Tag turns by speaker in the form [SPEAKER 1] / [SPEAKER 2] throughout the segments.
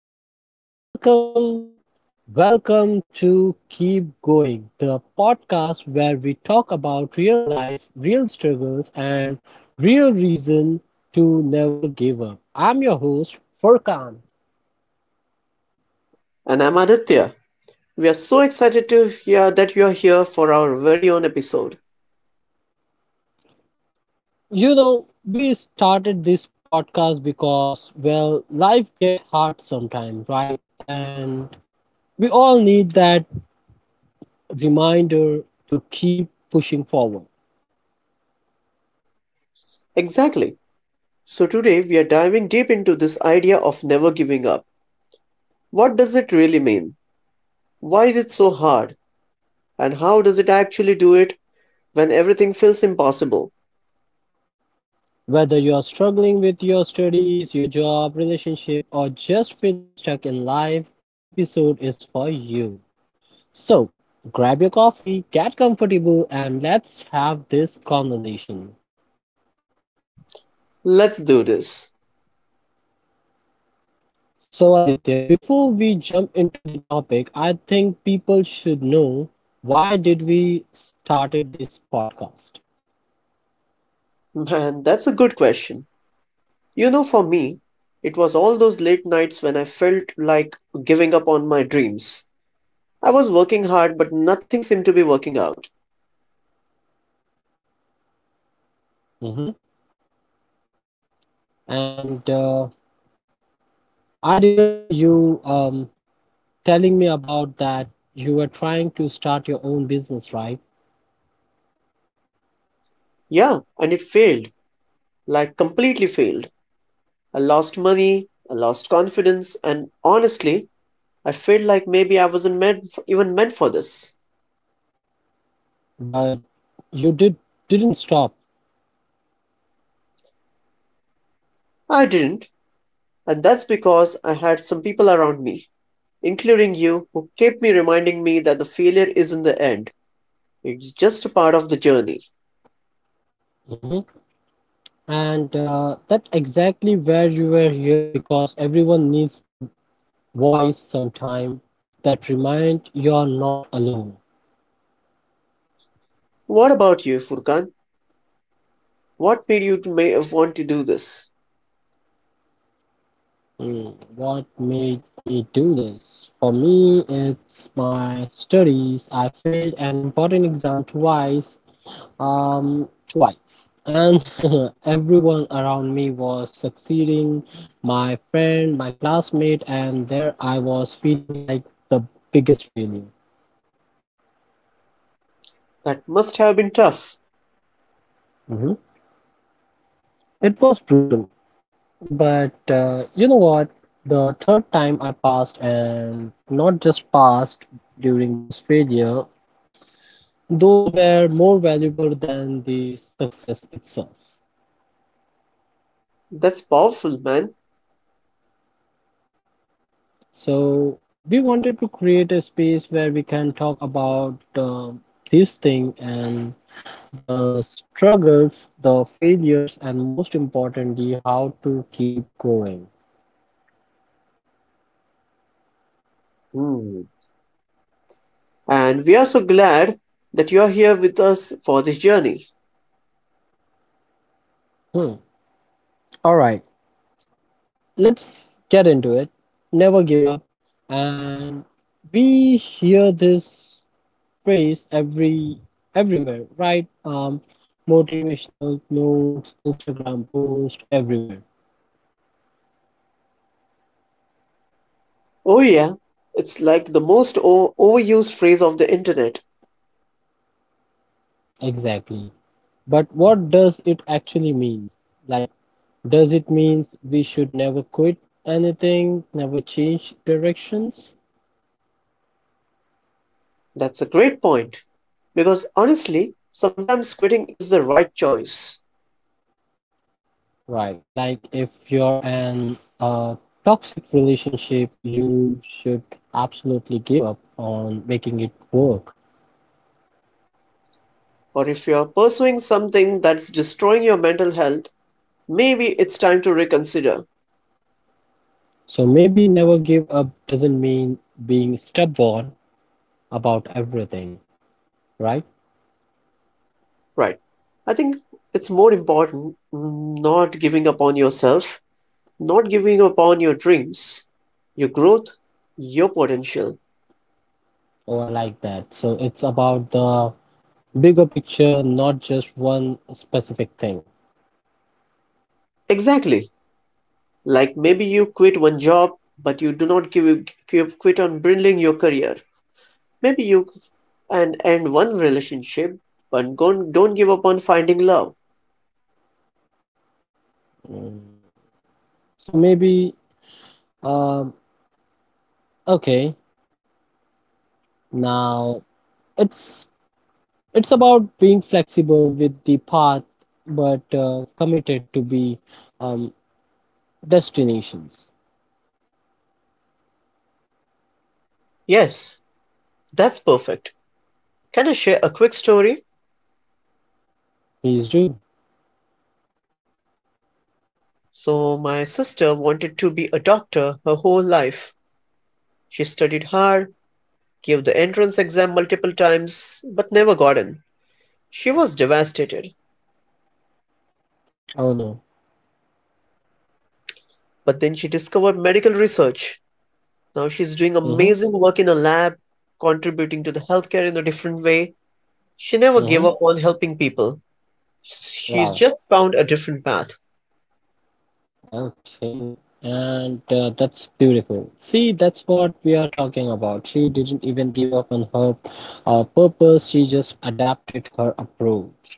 [SPEAKER 1] welcome, welcome, welcome to Keep Going, the podcast where we talk about real life, real struggles, and real reason to never give up. I'm your host, Furkan.
[SPEAKER 2] And I'm Aditya. We are so excited to hear that you are here for our very own episode.
[SPEAKER 1] We started this podcast because, well, life get hard sometimes, right? And we all need that reminder to keep pushing forward.
[SPEAKER 2] Exactly. So, today we are diving deep into this idea of never giving up. What does it really mean? Why is it so hard? And how does it actually do it when everything feels impossible?
[SPEAKER 1] Whether you're struggling with your studies, your job, relationship, or just feeling stuck in life, this episode is for you. So, grab your coffee, get comfortable, and let's have this conversation.
[SPEAKER 2] Let's do this.
[SPEAKER 1] So, Aditya, before we jump into the topic, I think people should know why did we started this podcast.
[SPEAKER 2] Man, that's a good question. You know, for me, it was all those late nights when I felt like giving up on my dreams. I was working hard, but nothing seemed to be working out.
[SPEAKER 1] Hmm. And I remember you telling me about that you were trying to start your own business, right?
[SPEAKER 2] Yeah, and it failed. Like, completely failed. I lost money, I lost confidence, and honestly, I felt like maybe I wasn't meant for, even meant for this.
[SPEAKER 1] But you didn't stop.
[SPEAKER 2] I didn't, and that's because I had some people around me, including you, who kept me reminding me that the failure isn't the end. It's just a part of the journey.
[SPEAKER 1] Hmm. And that's exactly where you were here because everyone needs the voice sometime that remind you're not alone.
[SPEAKER 2] What about you, Furkan? What made you to may want to do this?
[SPEAKER 1] Mm, what made me do this? For me, it's my studies. I failed an important exam twice. And everyone around me was succeeding, my friend, my classmate, and there I was feeling like the biggest failure.
[SPEAKER 2] That must have been tough.
[SPEAKER 1] Mhm. It was brutal, but you know what? The third time I passed, and not just passed, during those failure, those were more valuable than the success itself.
[SPEAKER 2] That's powerful, man.
[SPEAKER 1] So we wanted to create a space where we can talk about this thing and the struggles, the failures, and most importantly, how to keep going.
[SPEAKER 2] Hmm. And we are so glad that you are here with us for this journey.
[SPEAKER 1] Hmm. All right, let's get into it. Never give up. And we hear this phrase everywhere, right? Motivational notes, Instagram post, everywhere.
[SPEAKER 2] Oh, yeah, it's like the most overused phrase of the internet.
[SPEAKER 1] Exactly. But what does it actually means? Like, does it means we should never quit anything, never change directions?
[SPEAKER 2] That's a great point. Because honestly, sometimes quitting is the right choice.
[SPEAKER 1] Right. Like if you're in a toxic relationship, you should absolutely give up on making it work.
[SPEAKER 2] Or if you're pursuing something that's destroying your mental health, maybe it's time to reconsider.
[SPEAKER 1] So maybe never give up doesn't mean being stubborn about everything, right?
[SPEAKER 2] Right. I think it's more important not giving up on yourself, not giving up on your dreams, your growth, your potential.
[SPEAKER 1] Oh, I like that. So it's about the bigger picture, not just one specific thing.
[SPEAKER 2] Exactly. Like maybe you quit one job, but you do not give quit on building your career. Maybe you and end one relationship, but don't give up on finding love.
[SPEAKER 1] Mm. So maybe um okay, now it's it's about being flexible with the path but committed to be um destinations.
[SPEAKER 2] Yes, that's perfect. Can I share a quick story?
[SPEAKER 1] He's true.
[SPEAKER 2] So, my sister wanted to be a doctor her whole life. She studied hard, gave the entrance exam multiple times, but never got in. She was devastated.
[SPEAKER 1] Oh no.
[SPEAKER 2] But then she discovered medical research. Now she's doing
[SPEAKER 1] Mm-hmm.
[SPEAKER 2] amazing work in a lab, contributing to the healthcare in a different way. She never
[SPEAKER 1] Mm-hmm.
[SPEAKER 2] gave up on helping people. She's
[SPEAKER 1] Wow.
[SPEAKER 2] just found a different path.
[SPEAKER 1] Okay. And that's beautiful. See, that's what we are talking about. She didn't even give up on her purpose. She just adapted her approach.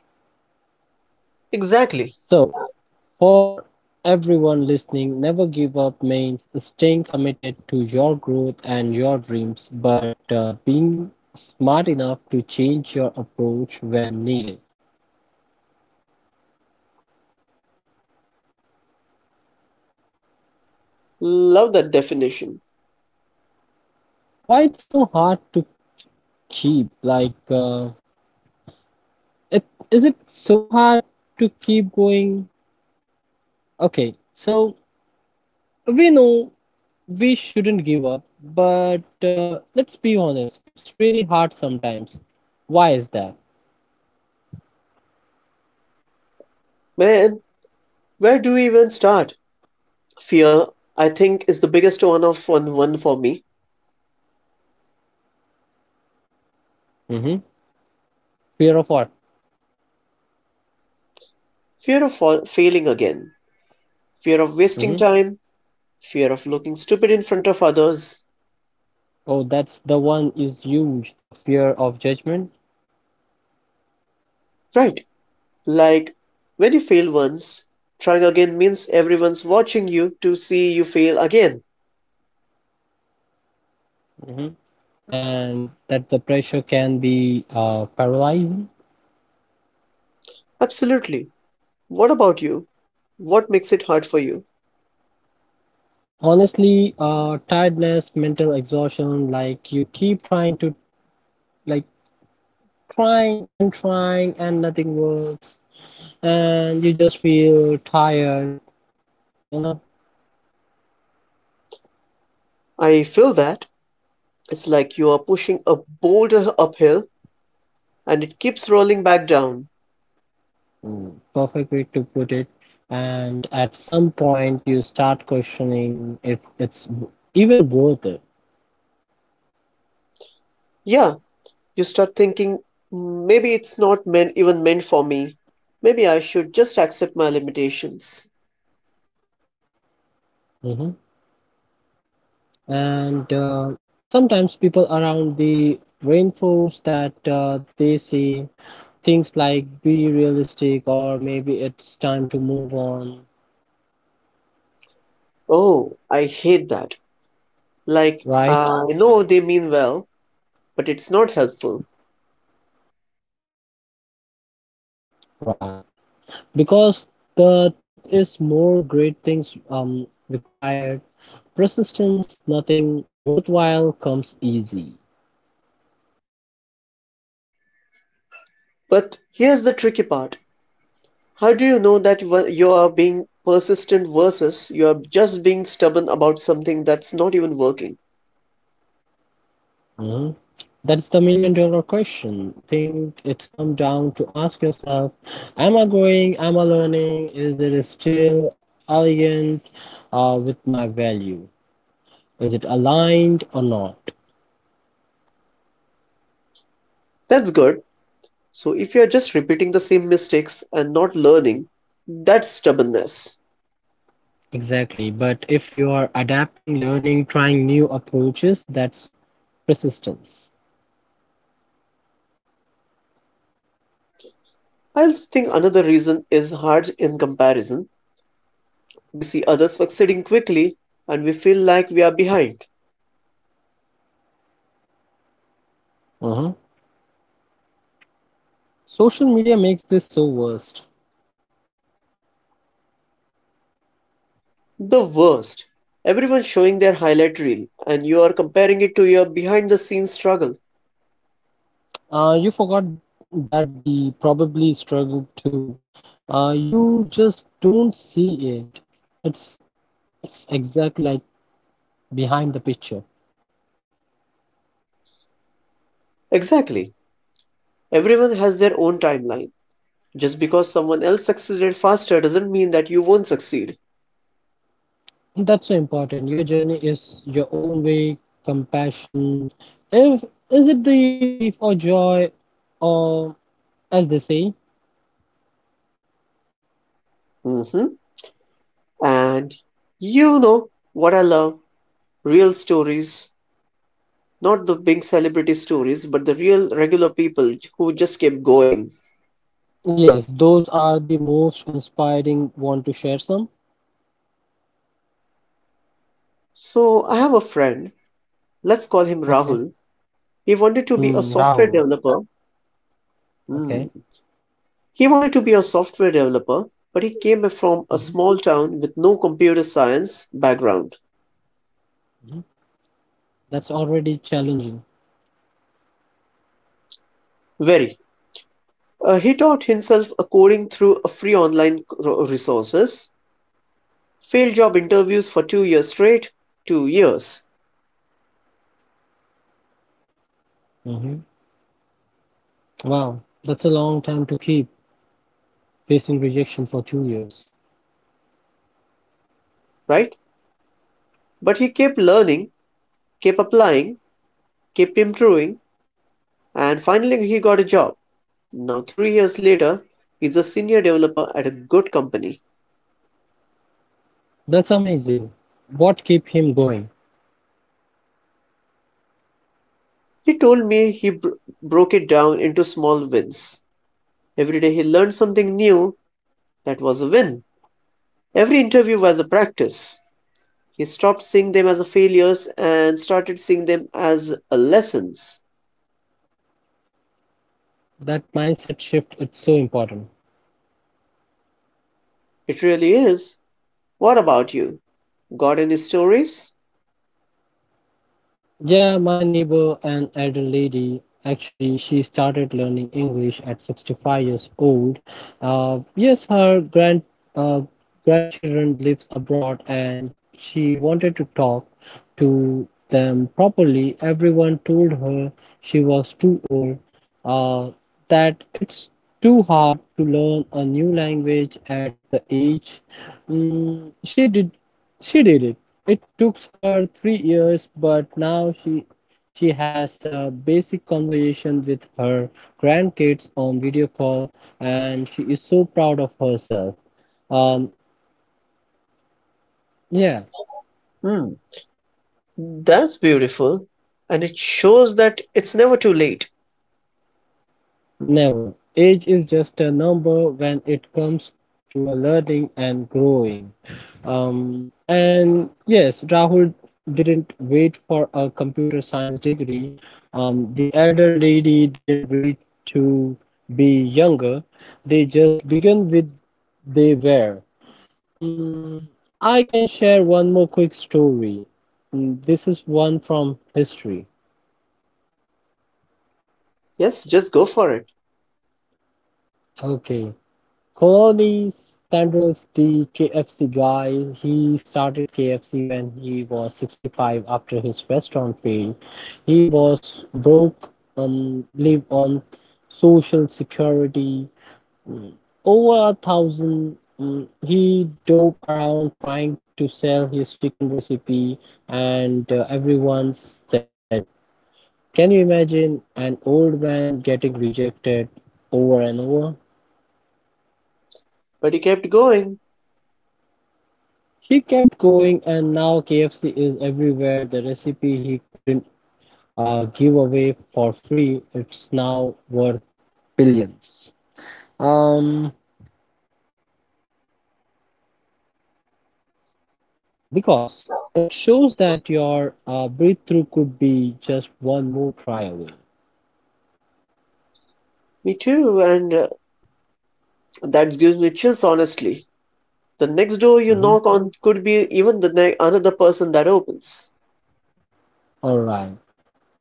[SPEAKER 2] Exactly.
[SPEAKER 1] So, for everyone listening, never give up means staying committed to your growth and your dreams, but being smart enough to change your approach when needed.
[SPEAKER 2] Love that definition.
[SPEAKER 1] Why it's so hard to keep? It, is it so hard to keep going? Okay, so we know we shouldn't give up, but let's be honest, it's really hard sometimes. Why is that?
[SPEAKER 2] Man, where do we even start? Fear, I think, is the biggest one for me.
[SPEAKER 1] Hmm. Fear of what?
[SPEAKER 2] Fear of failing again. Fear of wasting
[SPEAKER 1] Mhm.
[SPEAKER 2] time. Fear of looking stupid in front of others.
[SPEAKER 1] Oh, that's the one is huge, the fear of judgment.
[SPEAKER 2] Right. Like, when you fail once, trying again means everyone's watching you to see you fail again.
[SPEAKER 1] Hmm. And that the pressure can be paralyzing.
[SPEAKER 2] Absolutely. What about you? What makes it hard for you?
[SPEAKER 1] Honestly, tiredness, mental exhaustion, like you keep trying to, like trying and trying and nothing works. And you just feel tired, you know?
[SPEAKER 2] I feel that it's like you are pushing a boulder uphill and it keeps rolling back down.
[SPEAKER 1] Mm, perfect way to put it. And at some point, you start questioning if it's even worth
[SPEAKER 2] Yeah, you start thinking, maybe it's not meant even meant for me. Maybe I should just accept my limitations.
[SPEAKER 1] it. And sometimes people around the reinforce that they say things like be realistic or maybe it's time to move on,
[SPEAKER 2] Oh, I hate that. Like,
[SPEAKER 1] right?
[SPEAKER 2] I know they mean well, but it's not helpful.
[SPEAKER 1] Right. Because the truth is more great things required. Persistence, nothing worthwhile comes easy.
[SPEAKER 2] But here's the tricky part. How do you know that you are being persistent versus you are just being stubborn about something that's not even working?
[SPEAKER 1] Mhm. That's the $1,000,000 question. Think it's come down to ask yourself, am I growing? Am I learning? Is it still elegant with my value? Is it aligned or not?
[SPEAKER 2] That's good. So if you are just repeating the same mistakes and not learning, that's stubbornness.
[SPEAKER 1] Exactly. But if you are adapting, learning, trying new approaches, that's persistence.
[SPEAKER 2] I also think another reason is hard in comparison. We see others succeeding quickly and we feel like we are behind.
[SPEAKER 1] Uh-huh. Social media makes this so worst.
[SPEAKER 2] The worst. Everyone's showing their highlight reel and you are comparing it to your behind the scenes struggle.
[SPEAKER 1] You forgot that the probably struggle too. You just don't see it. It's it's exactly like behind the picture.
[SPEAKER 2] Exactly. Everyone has their own timeline. Just because someone else succeeded faster doesn't mean that you won't succeed.
[SPEAKER 1] And that's so important. Your journey is your own way, compassion. If is it the thief or joy, or as they say?
[SPEAKER 2] Hmm And you know what I love? Real stories. Not the big celebrity stories, but the real regular people who just kept going.
[SPEAKER 1] Yes, those are the most inspiring. Want to share some?
[SPEAKER 2] So I have a friend, let's call him
[SPEAKER 1] Okay.
[SPEAKER 2] Rahul. He wanted to be a
[SPEAKER 1] Hmm,
[SPEAKER 2] software
[SPEAKER 1] Rahul.
[SPEAKER 2] developer.
[SPEAKER 1] Okay.
[SPEAKER 2] Hmm. He wanted to be a software developer, but he came from a
[SPEAKER 1] Hmm.
[SPEAKER 2] small town with no computer science background.
[SPEAKER 1] Hmm. That's already challenging.
[SPEAKER 2] Very. He taught himself a coding through a free online resources, failed job interviews for 2 years straight, 2 years,
[SPEAKER 1] Mm-hmm. Wow, that's a long time to keep facing rejection for 2 years.
[SPEAKER 2] right? But he kept learning, kept applying, kept improving, and finally he got a job. Now, 3 years later, he's a senior developer at a good company.
[SPEAKER 1] That's amazing. What keep him going?
[SPEAKER 2] He told me he broke it down into small wins. Every day he learned something new, that was a win. Every interview was a practice. He stopped seeing them as failures and started seeing them as lessons.
[SPEAKER 1] That mindset shift, it's so important.
[SPEAKER 2] It really is. What about you? Got any stories?
[SPEAKER 1] Yeah, my neighbor, an elder lady, actually, she started learning English at 65 years old. Yes, her uh, grandchildren lives abroad, and she wanted to talk to them properly. Everyone told her she was too old, uh, that it's too hard to learn a new language at the age. Mm, she did she did it. It took her 3 years, but now she has a basic conversation with her grandkids on video call, and she is so proud of herself. Um, yeah.
[SPEAKER 2] Hmm, that's beautiful. And it shows that it's never too late.
[SPEAKER 1] Never. Age is just a number when it comes to a learning and growing. And yes, Rahul didn't wait for a computer science degree. The elder lady didn't wait to be younger. They just began with they were. Mm, I can share one more quick story. Mm, this is one from history.
[SPEAKER 2] Yes, just go for it.
[SPEAKER 1] Okay. Colonies Sanders, the KFC guy, he started KFC when he was 65 after his restaurant failed. He was broke, lived on social security, mm, over a thousand. He dove around trying to sell his chicken recipe, and everyone said no. Can you imagine an old man getting rejected over and over?
[SPEAKER 2] But he kept going.
[SPEAKER 1] He kept going, and now KFC is everywhere. The recipe he couldn't give away for free, it's now worth billions. Um, because it shows that your breakthrough could be just one more try away.
[SPEAKER 2] Me too, and that gives me chills, honestly. The next door you
[SPEAKER 1] Hmm.
[SPEAKER 2] knock on could be even another person that opens.
[SPEAKER 1] All right.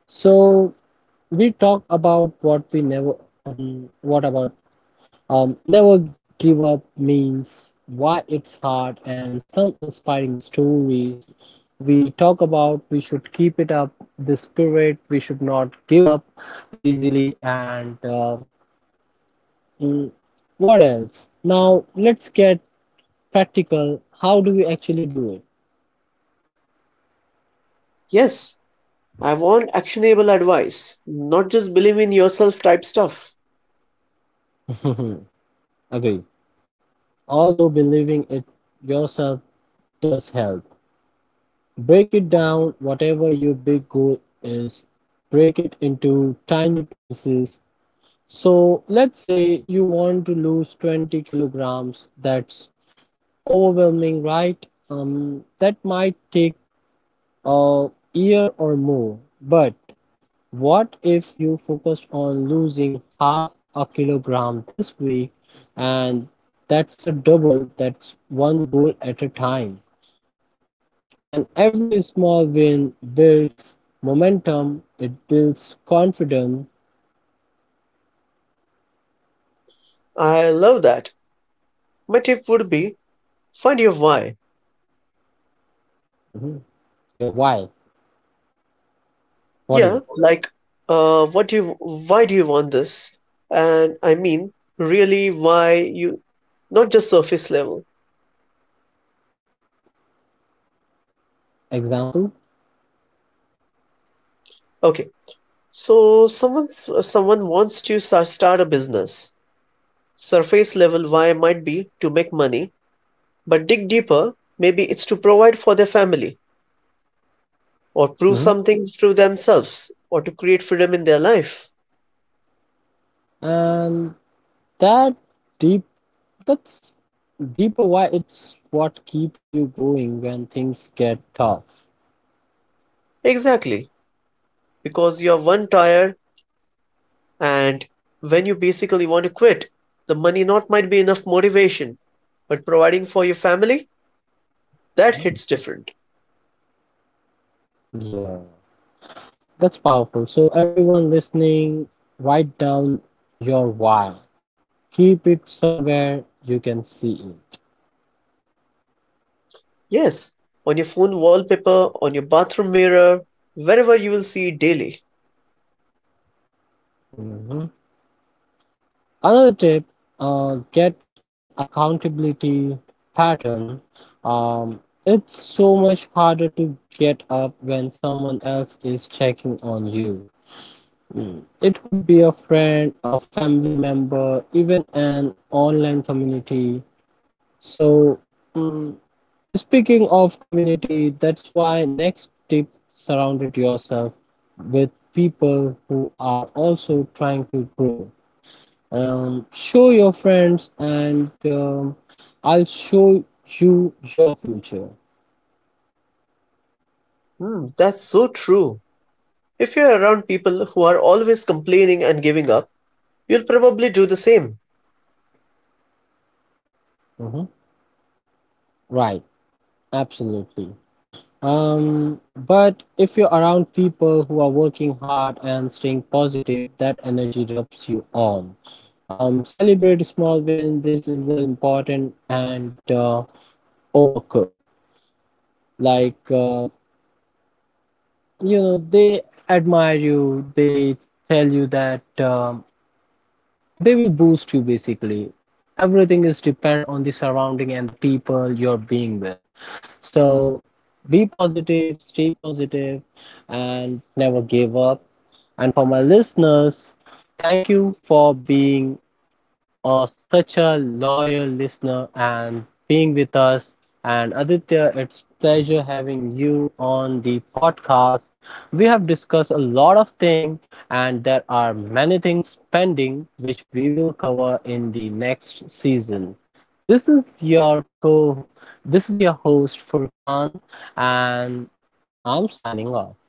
[SPEAKER 1] So we talk about what we never what about never give up means, why it's hard, and some inspiring stories. We talk about we should keep it up the spirit, we should not give up easily, and uh, mm, what else. Now let's get practical. How do we actually do
[SPEAKER 2] Yes, I want actionable advice, not just believe in yourself type stuff.
[SPEAKER 1] it? Agree, although believing it yourself does help. Break it down: whatever your big goal is, break it into tiny pieces. So let's say you want to lose 20 kilograms. That's overwhelming, right? That might take a year or more. But what if you focused on losing half a kilogram this week? And that's a double, that's one goal at a time. And every small win builds momentum, it builds confidence.
[SPEAKER 2] I love that. My tip would be find your why.
[SPEAKER 1] Mhm. Your why. What is
[SPEAKER 2] Yeah,
[SPEAKER 1] it?
[SPEAKER 2] like what do you why do you want this? And I mean really why you, not just surface level.
[SPEAKER 1] Example?
[SPEAKER 2] Okay. So someone wants to start a business. Surface level why might be to make money, but dig deeper, maybe it's to provide for their family or prove
[SPEAKER 1] Mhm.
[SPEAKER 2] something through themselves or to create freedom in their life.
[SPEAKER 1] And that deep that's deeper why it's what keeps you going when things get tough.
[SPEAKER 2] Exactly. Because you're one tire and when you basically want to quit, the money not might be enough motivation, but providing for your family, that hits different.
[SPEAKER 1] Yeah, that's powerful. So everyone listening, write down your why. Keep it somewhere you can see it.
[SPEAKER 2] Yes, on your phone wallpaper, on your bathroom mirror, wherever you will see it daily.
[SPEAKER 1] Mhm. Another tip, get an accountability pattern. It's so much harder to get up when someone else is checking on you. Mm. It could be a friend, a family member, even an online community. So, mm, speaking of community, that's why next tip, surrounded yourself with people who are also trying to grow. Show your friends, and I'll show you your future.
[SPEAKER 2] Hmm, that's so true. If you're around people who are always complaining and giving up, you'll probably do the same.
[SPEAKER 1] Mhm. Right, absolutely. Um, but if you're around people who are working hard and staying positive, that energy rubs you on. Celebrate small wins. This is the important and overcook. Like uh, they admire you. They tell you that they will boost you. Basically, everything is depend on the surrounding and the people you're being with. So be positive, stay positive, and never give up. And for my listeners, thank you for being such a loyal listener and being with us. And Aditya, it's pleasure having you on the podcast. We have discussed a lot of things, and there are many things pending which we will cover in the next season. This is your co. This is your host Furkan, and I'm signing off.